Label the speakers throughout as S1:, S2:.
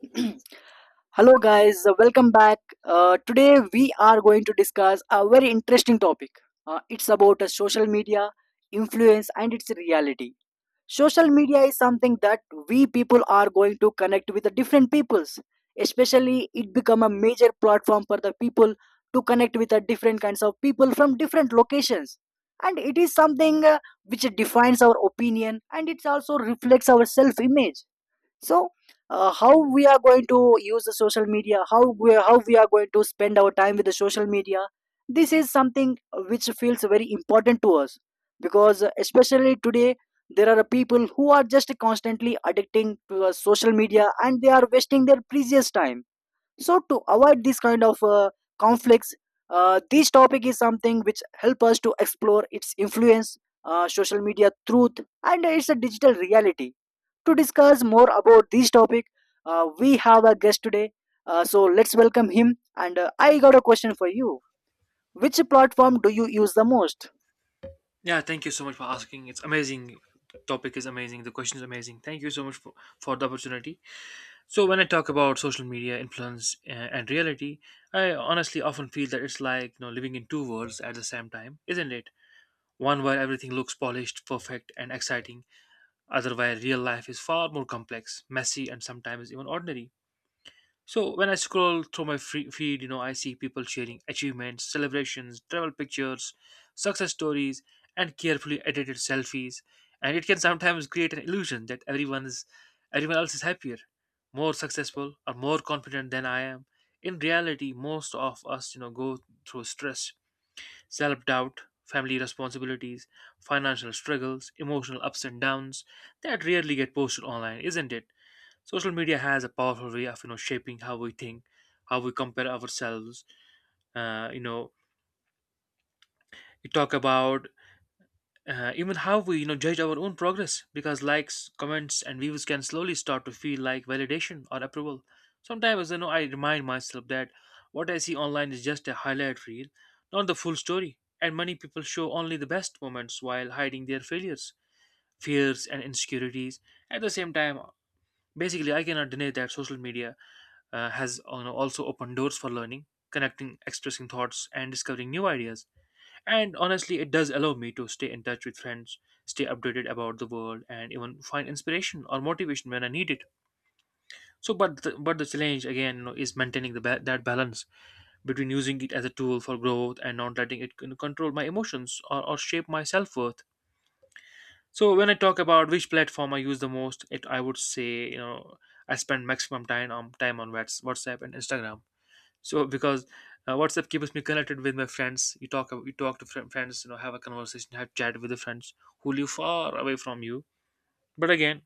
S1: Hello, guys. Welcome back. Today, we are going to discuss a very interesting topic. It's about social media influence and its reality. Social media is something that we people are going to connect with the different peoples. Especially, it become a major platform for the people to connect with the different kinds of people from different locations. And it is something which defines our opinion, and it also reflects our self-image. So how we are going to use the social media, how we are going to spend our time with the social media, this is something which feels very important to us because especially today there are people who are just constantly addicting to social media and they are wasting their precious time. So to avoid this kind of conflicts, this topic is something which help us to explore its influence, social media truth and its a digital reality. To discuss more about this topic, we have a guest today. So let's welcome him. And I got a question for you. Which platform do you use the most?
S2: Yeah, thank you so much for asking. It's amazing. Topic is amazing. The question is amazing. Thank you so much for the opportunity. So when I talk about social media influence and reality, I honestly often feel that it's like living in two worlds at the same time, isn't it? One where everything looks polished, perfect, and exciting. Other where real life is far more complex, messy, and sometimes even ordinary. So when I scroll through my free feed, I see people sharing achievements, celebrations, travel pictures, success stories, and carefully edited selfies. And it can sometimes create an illusion that everyone else is happier, more successful, or more confident than I am. In reality, most of us, you know, go through stress, self-doubt, family responsibilities, financial struggles, emotional ups and downs that rarely get posted online, isn't it? Social media has a powerful way of shaping how we think, how we compare ourselves. Uh, you know, we talk about even how we judge our own progress because likes, comments, and views can slowly start to feel like validation or approval. Sometimes I remind myself that what I see online is just a highlight reel, not the full story. And many people show only the best moments while hiding their failures, fears, and insecurities. At the same time, basically, I cannot deny that social media has, you know, also opened doors for learning, connecting, expressing thoughts, and discovering new ideas. And honestly, it does allow me to stay in touch with friends, stay updated about the world, and even find inspiration or motivation when I need it. But the challenge again, you know, is maintaining that balance between using it as a tool for growth and not letting it, you know, control my emotions or shape my self worth. So, when I talk about which platform I use the most, it I would say, you know, I spend maximum time on WhatsApp and Instagram, so because WhatsApp keeps me connected with my friends. You talk to friends, you know, have a conversation, have chat with the friends who live far away from you. But again,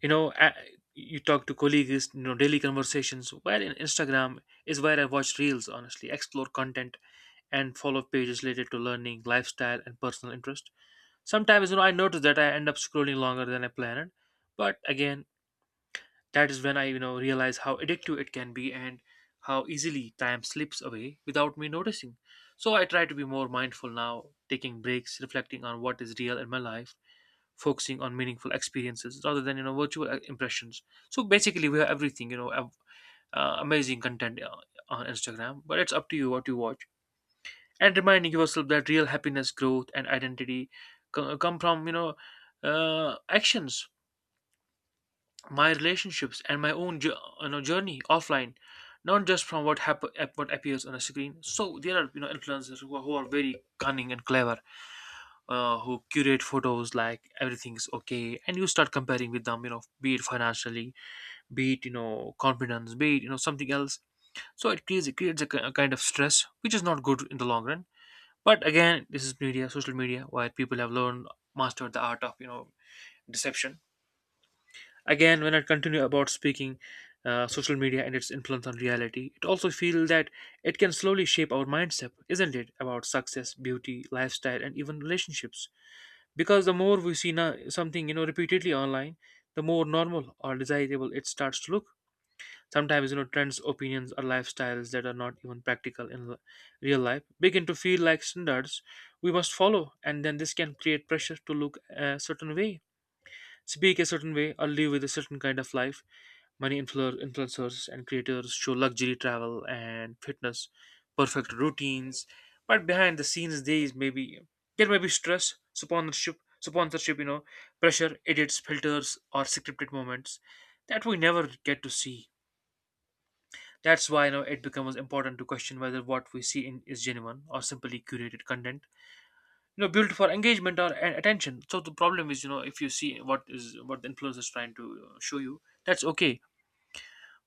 S2: you know, a you talk to colleagues, you know, daily conversations. While in Instagram is where I watch reels, honestly, explore content and follow pages related to learning, lifestyle, and personal interest. Sometimes, you know, I notice that I end up scrolling longer than I planned. But again, that is when I, you know, realize how addictive it can be and how easily time slips away without me noticing. So I try to be more mindful now, taking breaks, reflecting on what is real in my life, focusing on meaningful experiences rather than, you know, virtual impressions. So basically, we have everything, you know, amazing content on Instagram, but it's up to you what you watch. And reminding yourself that real happiness, growth, and identity come from, you know, actions, my relationships, and my own journey offline, not just from what what appears on a screen. So there are, you know, influencers who are very cunning and clever, who curate photos like everything's okay, and you start comparing with them, you know, be it financially, be it, you know, confidence, be it, you know, something else. So it creates a kind of stress which is not good in the long run. But again, this is media social media where people have learned, mastered the art of, you know, deception. Again, when I continue about speaking social media and its influence on reality, it also feels that it can slowly shape our mindset, isn't it, about success, beauty, lifestyle, and even relationships. Because the more we see now something, you know, repeatedly online, the more normal or desirable it starts to look. Sometimes, you know, trends, opinions, or lifestyles that are not even practical real life begin to feel like standards we must follow, and then this can create pressure to look a certain way, speak a certain way, or live with a certain kind of life. Many influencers and creators show luxury travel and fitness, perfect routines, but behind the scenes, there is maybe there may be stress, sponsorship, you know, pressure, edits, filters, or scripted moments that we never get to see. That's why, you know, it becomes important to question whether what we see in is genuine or simply curated content, you know, built for engagement or attention. So the problem is, you know, if you see what the influencer is trying to show you, that's okay.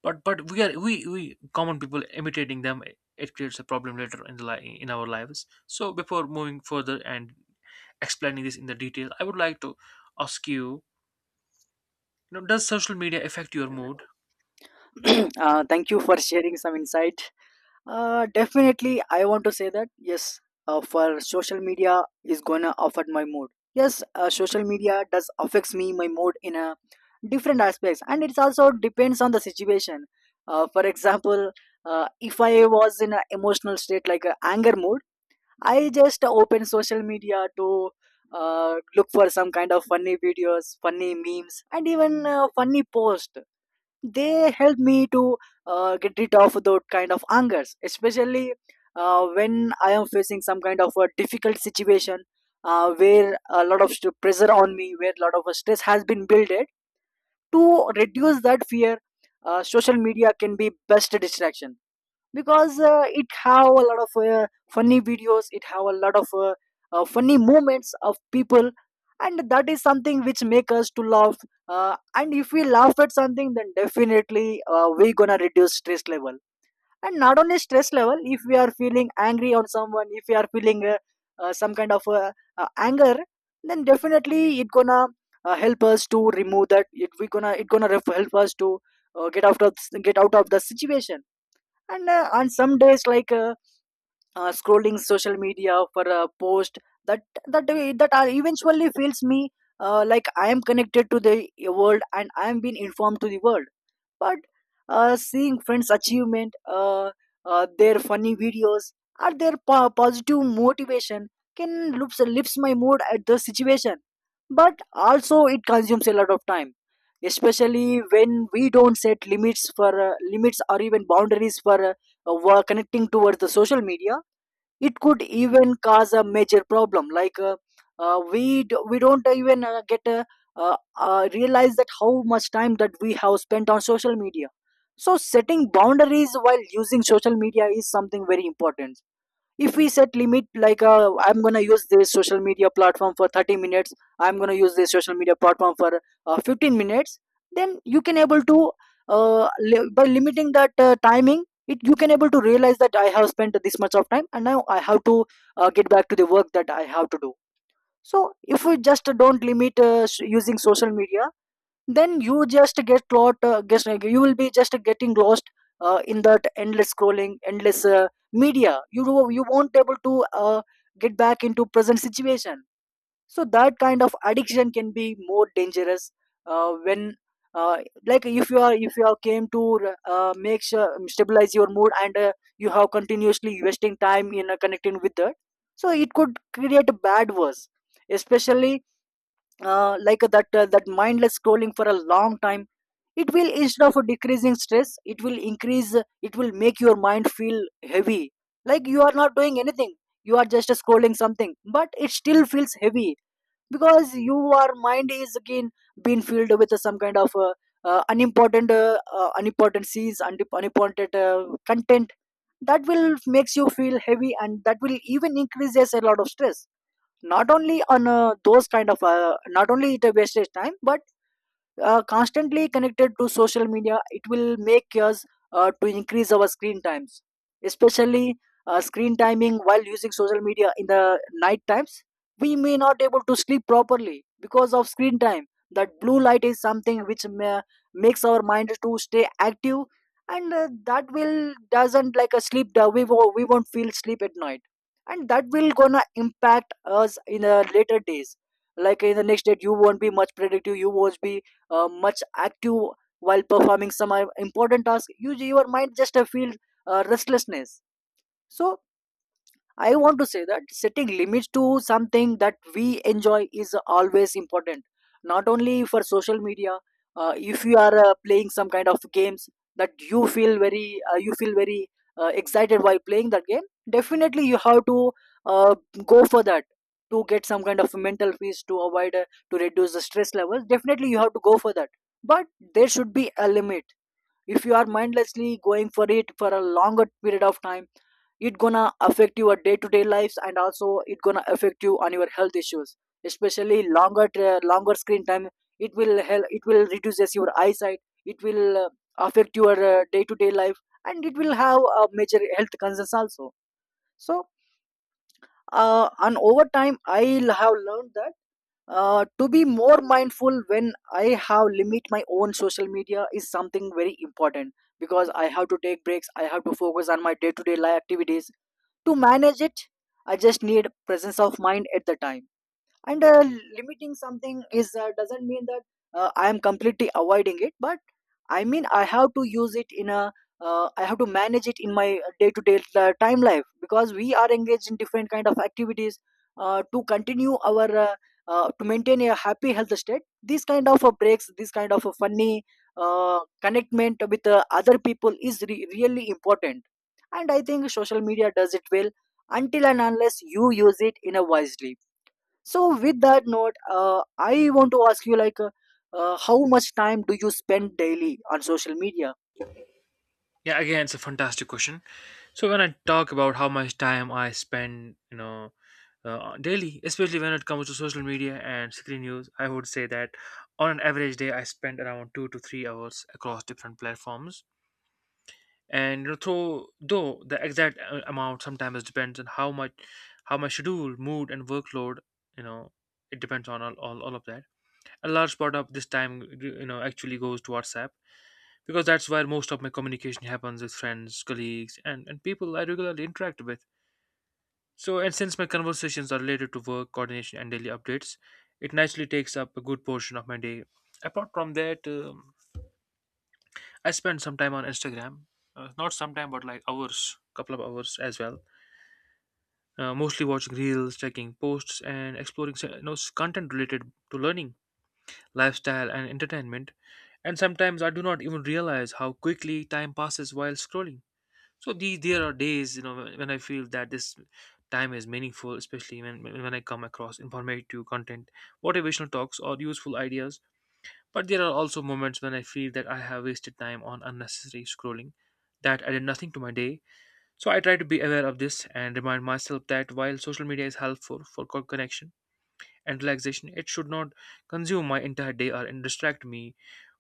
S2: But we are, we common people imitating them, it creates a problem later in our lives. So before moving further and explaining this in the detail, I would like to ask you know, does social media affect your mood?
S1: Thank you for sharing some insight. Definitely, I want to say that yes, for social media is gonna affect my mood. Yes, social media does affects me my mood in a different aspects, and it also depends on the situation. For example, if I was in an emotional state like a anger mode, I just open social media to look for some kind of funny videos, funny memes, and even funny posts. They help me to get rid of those kind of angers, especially when I am facing some kind of a difficult situation where a lot of pressure on me, where a lot of stress has been built. To reduce that fear, social media can be best distraction because it have a lot of funny videos, it have a lot of funny moments of people, and that is something which make us to laugh. And if we laugh at something, then definitely we gonna reduce stress level. And not only stress level, if we are feeling angry on someone, if we are feeling some kind of anger, then definitely it gonna help us to remove that, it gonna help us to uh, get out of get out of the situation. And on some days, like scrolling social media for a post, that eventually feels me like I am connected to the world and I am being informed to the world. But seeing friends achievement, uh, their funny videos or their positive motivation can lifts my mood at the situation. But also it consumes a lot of time, especially when we don't set limits for limits or even boundaries for connecting towards the social media. It could even cause a major problem like we don't even get uh, realize that how much time that we have spent on social media. So setting boundaries while using social media is something very important. If we set limit like I'm gonna use this social media platform for 30 minutes, I'm gonna use this social media platform for 15 minutes, then you can able to by limiting that timing it, you can able to realize that I have spent this much of time and now I have to get back to the work that I have to do. So if we just don't limit using social media, then you just get lot guess, like you will be just getting lost in that endless scrolling, endless media. You won't able to get back into present situation. So that kind of addiction can be more dangerous when uh, like if you are, came to make sure stabilize your mood, and you have continuously wasting time in connecting with that. So it could create a bad worse, especially like that that mindless scrolling for a long time. It will, instead of decreasing stress, it will increase, it will make your mind feel heavy, like you are not doing anything, you are just scrolling something but it still feels heavy because your mind is again being filled with some kind of unimportant unimportant seeds and unimportant content that will makes you feel heavy, and that will even increases a lot of stress. Not only on those kind of not only it wastes time, but constantly connected to social media, it will make us to increase our screen times, especially screen timing while using social media in the night times. We may not able to sleep properly because of screen time. That blue light is something which makes our mind to stay active, and that will doesn't like a sleep. We won't feel sleep at night, and that will gonna impact us in the later days. Like in the next day, you won't be much productive. You won't be much active while performing some important task, you your mind just feels restlessness. So I want to say that setting limits to something that we enjoy is always important. Not only for social media, if you are playing some kind of games that you feel very excited while playing that game, definitely you have to uh, go for that to get some kind of mental peace, to avoid to reduce the stress levels. Definitely you have to go for that, but there should be a limit. If you are mindlessly going for it for a longer period of time, it gonna affect your day-to-day lives and also it gonna affect you on your health issues, especially longer longer screen time. It will help, it will reduces your eyesight, it will affect your day-to-day life, and it will have a major health concerns also. So and over time, I'll have learned that to be more mindful when I have limit my own social media is something very important because I have to take breaks, I have to focus on my day to day life activities to manage it. I just need presence of mind at the time. And limiting something is doesn't mean that I am completely avoiding it, but I mean I have to use it in a I have to manage it in my day to day time life because we are engaged in different kind of activities to continue our to maintain a happy health state. These kind of breaks, this kind of funny connectment with other people is really important, and I think social media does it well until and unless you use it in a wisely. So with that note, I want to ask you like how much time do you spend daily on social media?
S2: Yeah, again, it's a fantastic question. So when I talk about how much time I spend, you know, daily, especially when it comes to social media and screen use, I would say that on an average day, I spend around 2 to 3 hours across different platforms. And you know, though the exact amount sometimes depends on how my schedule, mood, and workload, you know, it depends on all of that. A large part of this time, you know, actually goes to WhatsApp because that's where most of my communication happens with friends, colleagues, and people I regularly interact with. So, and since my conversations are related to work, coordination, and daily updates, it naturally takes up a good portion of my day. Apart from that, I spend some time on Instagram. Not some time, but like hours, couple of hours as well. Mostly watching reels, checking posts, and exploring content related to learning, lifestyle, and entertainment. And sometimes I do not even realize how quickly time passes while scrolling. So these There are days, you know, when I feel that this time is meaningful, especially when I come across informative content, motivational talks, or useful ideas. But there are also moments when I feel that I have wasted time on unnecessary scrolling that added nothing to my day. So I try to be aware of this and remind myself that while social media is helpful for connection and relaxation, it should not consume my entire day or and distract me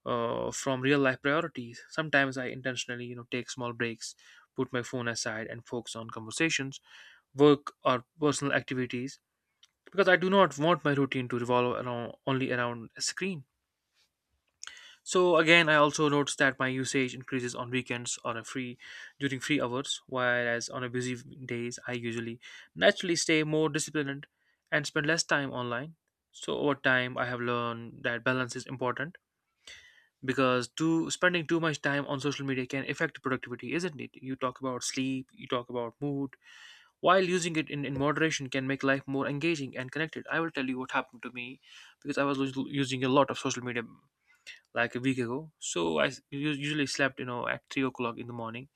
S2: from real life priorities. Sometimes I intentionally, you know, take small breaks, put my phone aside, and focus on conversations, work, or personal activities because I do not want my routine to revolve around a screen. So again, I also noticed that my usage increases on weekends on a free during free hours, whereas on a busy days I usually naturally stay more disciplined and spend less time online. So over time, I have learned that balance is important because too spending too much time on social media can affect productivity, isn't it? You talk about sleep, you talk about mood, while using it in moderation can make life more engaging and connected. I will tell you what happened to me because I was using a lot of social media like a week ago. So I usually slept, you know, at 3 o'clock in the morning.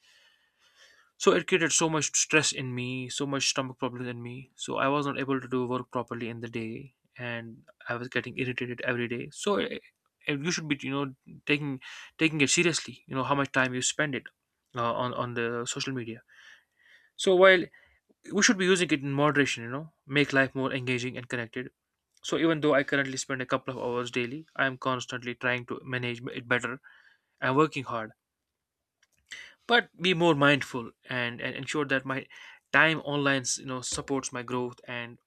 S2: So it created so much stress in me, so much stomach problems in me. So I was not able to do work properly in the day, and I was getting irritated every day. So you should be, you know, taking taking it seriously. You know how much time you spend it on the social media. So while we should be using it in moderation, you know, make life more engaging and connected. So even though I currently spend a couple of hours daily, I am constantly trying to manage it better and working hard. But be more mindful and ensure that my time online, you know, supports my growth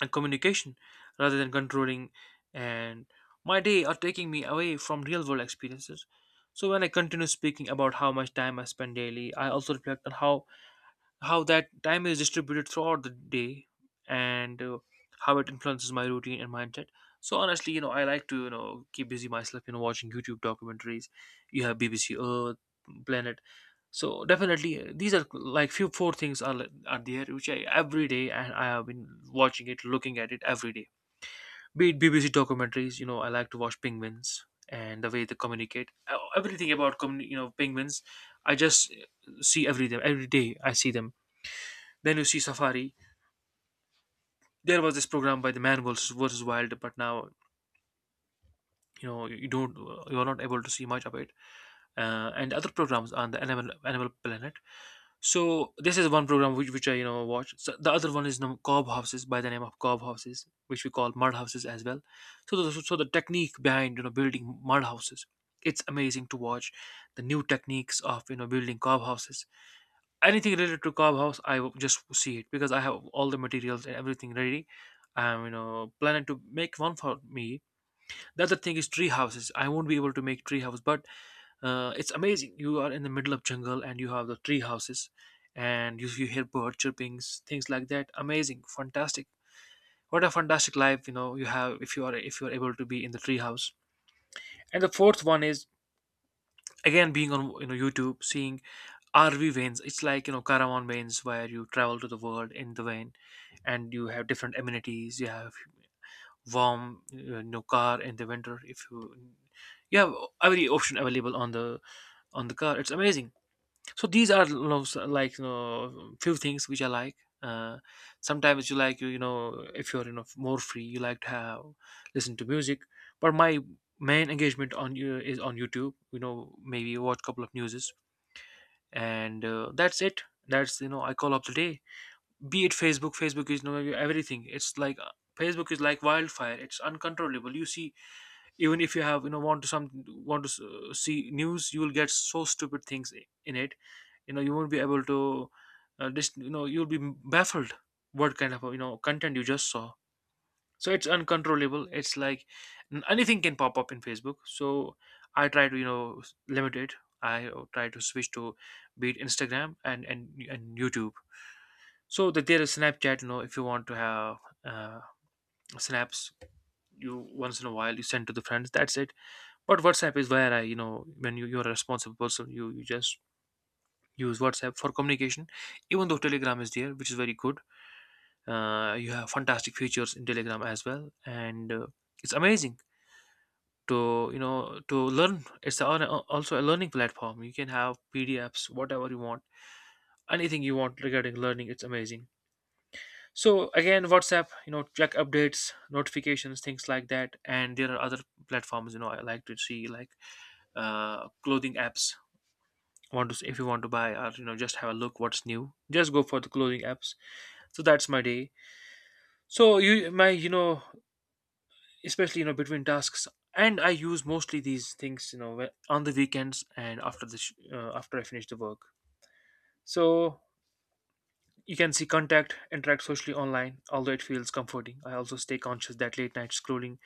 S2: and communication rather than controlling and my day, or taking me away from real world experiences. So when I continue speaking about how much time I spend daily, I also reflect on how that time is distributed throughout the day, and how it influences my routine and mindset. So honestly, you know, I like to, you know, keep busy myself, you know, watching YouTube documentaries. You have BBC Earth, Planet. So definitely, these are like few four things are there which I every day, and I have been watching it, looking at it every day. Be it BBC documentaries, you know, I like to watch penguins and the way they communicate. Everything about you know, penguins, I just see every day. Every day I see them. Then you see Safari. There was this program by the man versus wild, but now, you know, you don't you are not able to see much of it. And other programs on the animal planet. So this is one program which I, you know, watch. So the other one is you cob houses, by the name of cob houses, which we call mud houses as well. So so the technique behind, you know, building mud houses, it's amazing to watch. The new techniques of, you know, building cob houses. Anything related to cob house, I will just see it because I have all the materials and everything ready. I'm, you know, planning to make one for me. The other thing is tree houses. I won't be able to make tree house, but it's amazing. You are in the middle of jungle and you have the tree houses, and you hear bird chirpings, things like that. Amazing, fantastic. What a fantastic life, you know, you have, if you are able to be in the tree house. And the fourth one is again being on, you know, YouTube, seeing RV vans. It's like, you know, caravan vans where you travel to the world in the van, and you have different amenities. You have warm no car in the winter. If you, you have every option available on the car. It's amazing. So these are, you know, like, you know, few things which I like. uh, Sometimes you like, you know, if you know, more free, you like to have, listen to music. But my main engagement on you is on YouTube, you know, maybe watch couple of newses, and that's it. That's, you know, I call up the day. Be it Facebook. is, you know, everything. It's like, Facebook is like wildfire, it's uncontrollable, you see. Even if you have, you know, want to some see news, you will get so stupid things in it. You know, you won't be able to you know, you'll be baffled what kind of, you know, content you just saw. So it's uncontrollable. It's like, anything can pop up in Facebook. So I try to, you know, limit it. I try to switch to, be it Instagram and YouTube. So that, there is Snapchat, you know, if you want to have uh, snaps. You once in a while, you send to the friends, that's it. But WhatsApp is where I, you know, when you're a responsible person, you just use WhatsApp for communication, even though Telegram is there, which is very good. You have fantastic features in Telegram as well. And it's amazing to, you know, to learn. It's also a learning platform. You can have PDFs, whatever you want, anything you want regarding learning. It's amazing. So again, WhatsApp, you know, check updates, notifications, things like that. And there are other platforms, you know, I like to see like clothing apps. Want to, if you want to buy, or you know, just have a look what's new, just go for the clothing apps. So that's my day. So you, my, you know, especially, you know, between tasks, and I use mostly these things, you know, on the weekends and after the after I finish the work. So you can see contact, interact socially online. Although it feels comforting, I also stay conscious that late night scrolling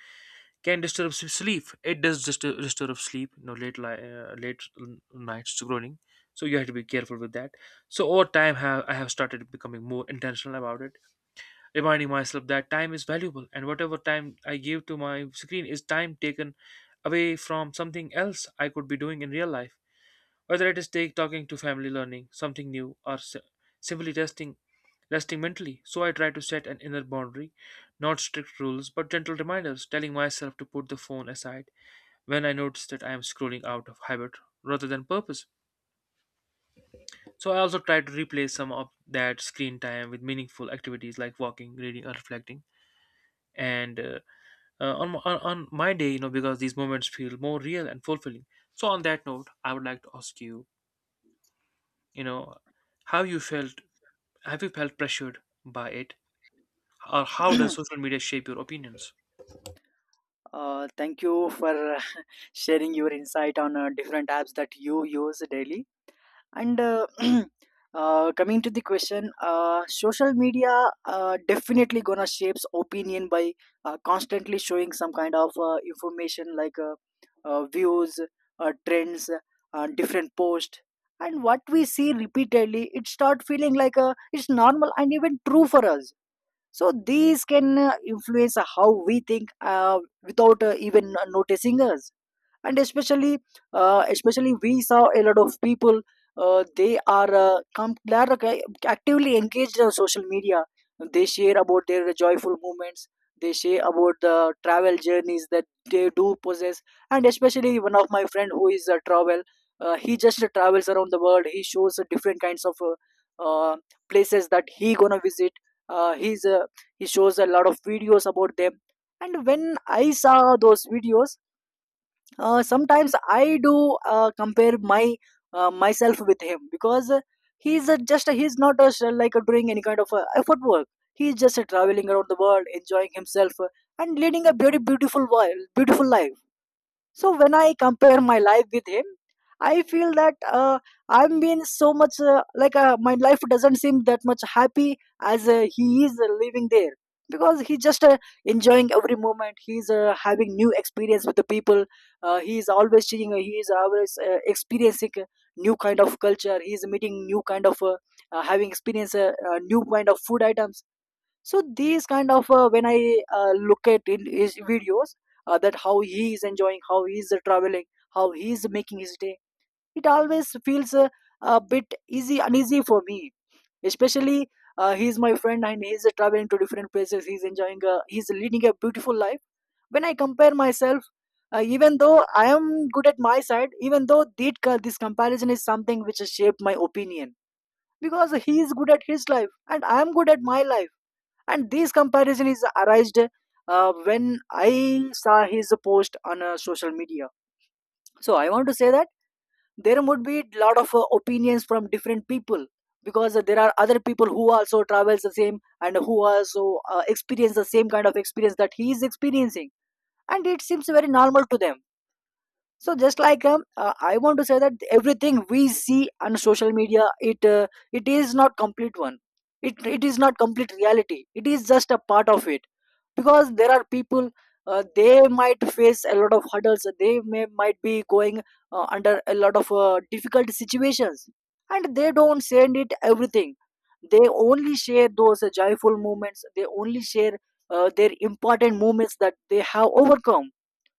S2: can disturb sleep. It does disturb sleep. You know, late li- late n- nights scrolling. So you have to be careful with that. So over time, have I have started becoming more intentional about it, reminding myself that time is valuable, and whatever time I give to my screen is time taken away from something else I could be doing in real life. Whether it is talking to family, learning something new, or simply resting, resting mentally. So I try to set an inner boundary, not strict rules, but gentle reminders, telling myself to put the phone aside when I notice that I am scrolling out of habit rather than purpose. So I also try to replace some of that screen time with meaningful activities like walking, reading, or reflecting. And on my day, you know, because these moments feel more real and fulfilling. So on that note, I would like to ask you, you know, how you felt. Have you felt pressured by it, or how does social media shape your opinions?
S1: Thank you for sharing your insight on different apps that you use daily. And coming to the question, social media definitely gonna shapes opinion by constantly showing some kind of information like views, trends, different posts. And what we see repeatedly, it start feeling like it's normal and even true for us. So these can influence how we think without even noticing us. And especially especially we saw a lot of people they are they are actively engaged on social media. They share about their joyful moments, they share about the travel journeys that they do possess. And especially one of my friend who is a travel, he just travels around the world, he shows different kinds of uh, places that he gonna visit. uh, he's uh, he shows a lot of videos about them. And when I saw those videos, sometimes I do compare my myself with him because he's a, just a, he's not a, like a, doing any kind of effort work, he's just traveling around the world enjoying himself, and leading a very beautiful beautiful life. So when I compare my life with him, I feel that I'm being so much like my life doesn't seem that much happy as he is living there because he's just enjoying every moment. He's having new experience with the people. He is always changing. He is always experiencing new kind of culture. He is meeting new kind of having experience new kind of food items, so these kind of when I look at in his videos, that how he is enjoying, how he is traveling, how he is making his day, it always feels a bit easy uneasy for me, especially he is my friend and he is traveling to different places. He is enjoying, he is leading a beautiful life. When I compare myself, even though I am good at my side, even though that this comparison is something which has shaped my opinion, because he is good at his life and I am good at my life. And this comparison is arised when I saw his post on social media. So I want to say that there would be a lot of opinions from different people, because there are other people who also travels the same and who also experience the same kind of experience that he is experiencing, and it seems very normal to them. So just like I want to say that everything we see on social media, it is not complete one. It is not complete reality, it is just a part of it. Because there are people, they might face a lot of hurdles, they may might be going under a lot of difficult situations, and they don't send it everything. They only share those joyful moments, they only share their important moments that they have overcome.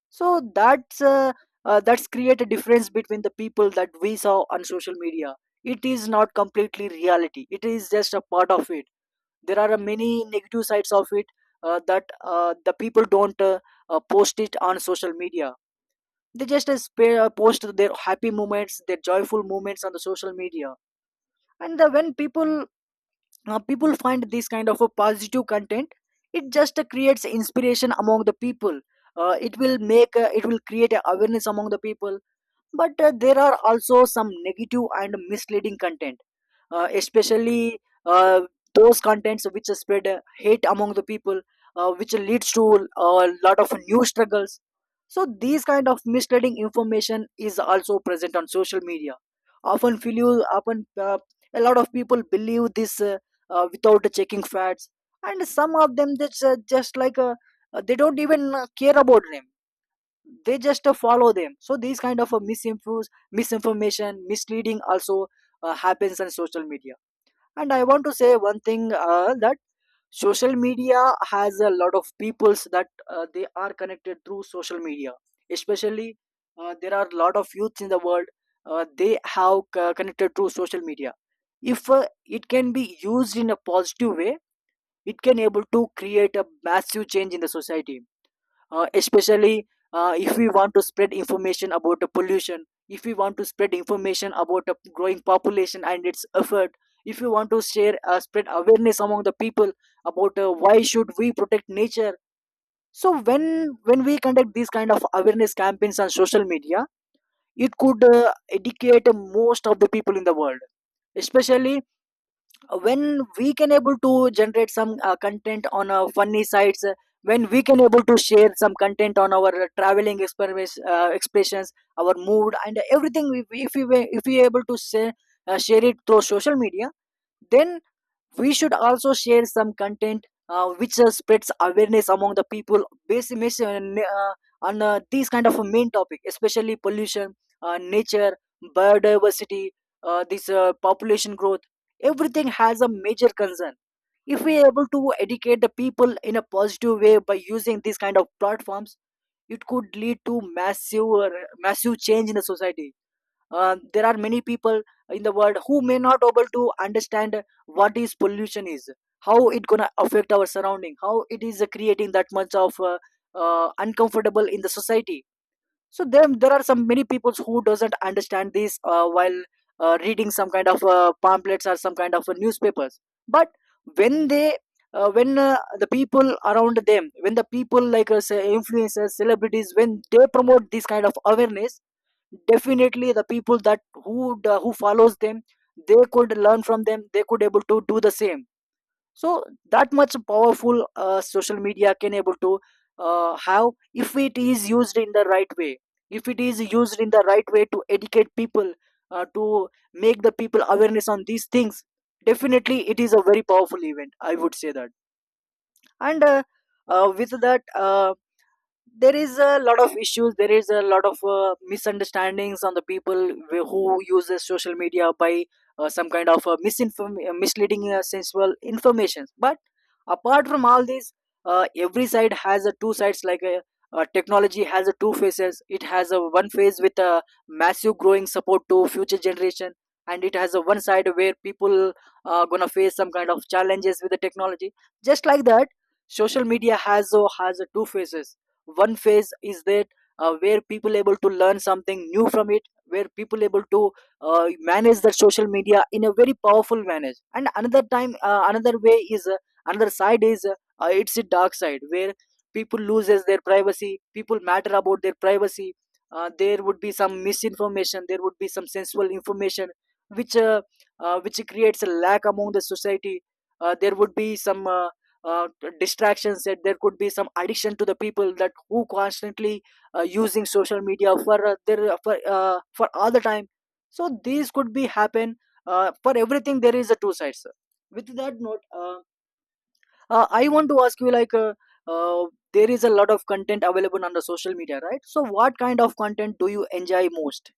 S1: So that's create a difference between the people that we saw on social media. It is not completely reality, it is just a part of it. There are many negative sides of it, that the people don't post it on social media. They just post their happy moments, their joyful moments on the social media. And when people find this kind of a positive content, it just creates inspiration among the people. Uh, it will make it will create a awareness among the people. But there are also some negative and misleading content, especially uh, those contents which spread hate among the people, which leads to a lot of new struggles. So these kind of misleading information is also present on social media. Often feel, you often, a lot of people believe this without checking facts. And some of them just, they don't even care about them, they just follow them. So these kind of misinfos, misinformation, misleading also happens on social media. And I want to say one thing, that social media has a lot of peoples that they are connected through social media. Especially there are a lot of youths in the world. They have connected through social media. If it can be used in a positive way, it can able to create a massive change in the society. Especially if we want to spread information about the pollution, if we want to spread information about the growing population and its effort, if you want to share spread awareness among the people about why should we protect nature. So when we conduct these kind of awareness campaigns on social media, it could educate most of the people in the world. Especially when we can able to generate some content on funny sites, when we can able to share some content on our traveling experiments, expressions, our mood and everything. If we able to say, share it through social media, then we should also share some content which spreads awareness among the people uh, on these kind of a main topic, especially pollution, nature, biodiversity, this population growth. Everything has a major concern. If we are able to educate the people in a positive way by using these kind of platforms, it could lead to massive change in the society. There are many people in the world who may not able to understand what is pollution is, how it gonna affect our surrounding, how it is creating that much of uncomfortable in the society. So there are some many people who doesn't understand this while reading some kind of pamphlets or some kind of newspapers. But when they when the people around them, when the people like say influencers, celebrities, when they promote this kind of awareness, definitely the people that who follows them, they could learn from them, they could able to do the same. So that much powerful social media can able to have, if it is used in the right way, if it is used in the right way to educate people, to make the people awareness on these things. Definitely it is a very powerful event, I would say that. And with that, there is a lot of issues, there is a lot of misunderstandings on the people who uses social media by some kind of misleading sensual information. But apart from all this, every side has a two sides, like technology has a two faces. It has a one face with a massive growing support to future generation, and it has a one side where people are gonna face some kind of challenges with the technology. Just like that, social media has a two phases. One phase is that, where people able to learn something new from it, where people able to manage their social media in a very powerful manner. And another time another way is another side is, it's a dark side where people loses their privacy, people matter about their privacy. There would be some misinformation, there would be some sensual information which uh, which creates a lack among the society. There would be some uh, distractions, that there could be some addiction to the people that who constantly using social media for their for all the time. So these could be happen. For everything there is a two sides, sir. With that note, I want to ask you like, uh, there is a lot of content available on the social media, right? So what kind of content do you enjoy most?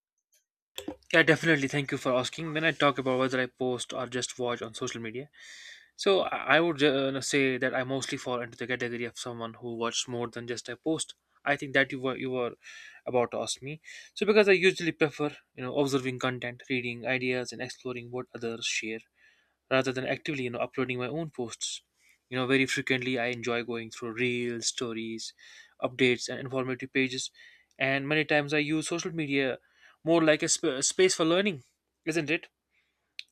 S2: Yeah, definitely. Thank you for asking. When I talk about whether I post or just watch on social media, so I would say that I mostly fall into the category of someone who watches more than just I post. I think that you were about to ask me. So because I usually prefer, you know, observing content, reading ideas, and exploring what others share rather than actively, you know, uploading my own posts, you know, very frequently. I enjoy going through reels, stories, updates and informative pages, and many times I use social media more like a, a space for learning, isn't it,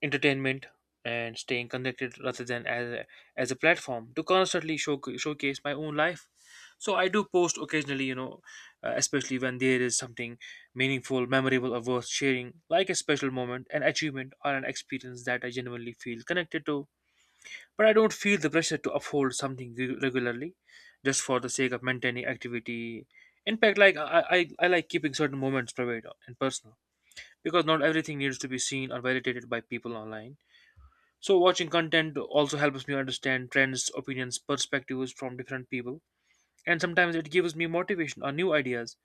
S2: entertainment, and staying connected rather than as a platform to constantly showcase my own life. So I do post occasionally, you know, especially when there is something meaningful, memorable, or worth sharing, like a special moment, an achievement, or an experience that I genuinely feel connected to. But I don't feel the pressure to uphold something regularly just for the sake of maintaining activity. In fact, like I like keeping certain moments private and personal, because not everything needs to be seen or validated by people online. So watching content also helps me understand trends, opinions, perspectives from different people, and sometimes it gives me motivation or new ideas.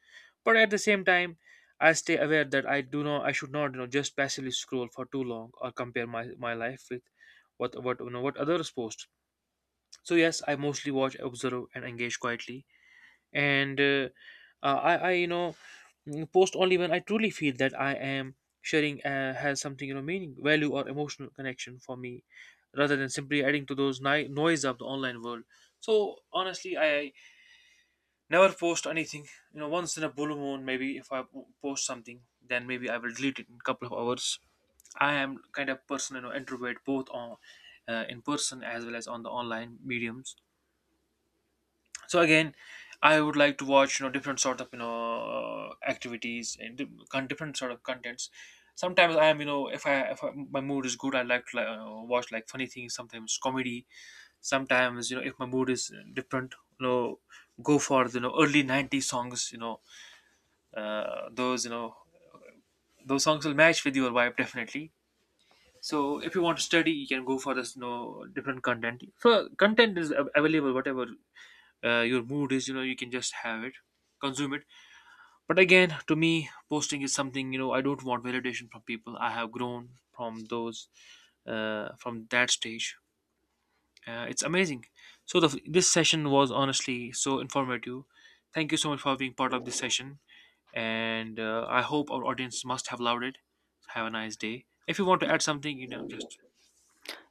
S2: But at the same time, I stay aware that I do not, I should not, you know, just passively scroll for too long or compare my life with what you know what others post. So yes, I mostly watch, observe, and engage quietly. And I post only when I truly feel that I am sharing, has something, you know, meaning, value, or emotional connection for me, rather than simply adding to those noise of the online world. So honestly, I never post anything. You know, once in a blue moon, maybe if I post something, then maybe I will delete it in a couple of hours. I am kind of person, you know, introvert both on in person as well as on the online mediums. So again, I would like to watch, you know, different sort of, you know, activities and different sort of contents. Sometimes I am, you know, if I, my mood is good, I like to watch like funny things, sometimes comedy. Sometimes, you know, if my mood is different, you know, go for the, you know, early 90s songs, you know, those, you know, those songs will match with your vibe, definitely. So if you want to study, you can go for this, you know, different content. So content is available, whatever your mood is, you know, you can just have it, consume it. But again, to me, posting is something, you know, I don't want validation from people. I have grown from those, from that stage. It's amazing. So this session was honestly so informative. Thank you so much for being part of this session, and I hope our audience must have loved it. Have a nice day. If you want to add something, you know, just.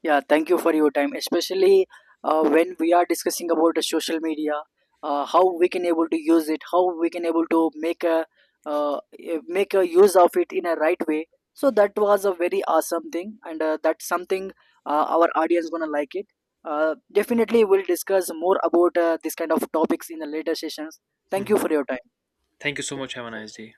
S1: Yeah, thank you for your time, especially when we are discussing about the social media, how we can able to use it, how we can able to make a make a use of it in a right way. So that was a very awesome thing, and that's something our audience gonna like it. Definitely, we'll discuss more about this kind of topics in the later sessions. Thank you
S2: Mhm.
S1: for your time.
S2: Thank you so much. Have a nice day.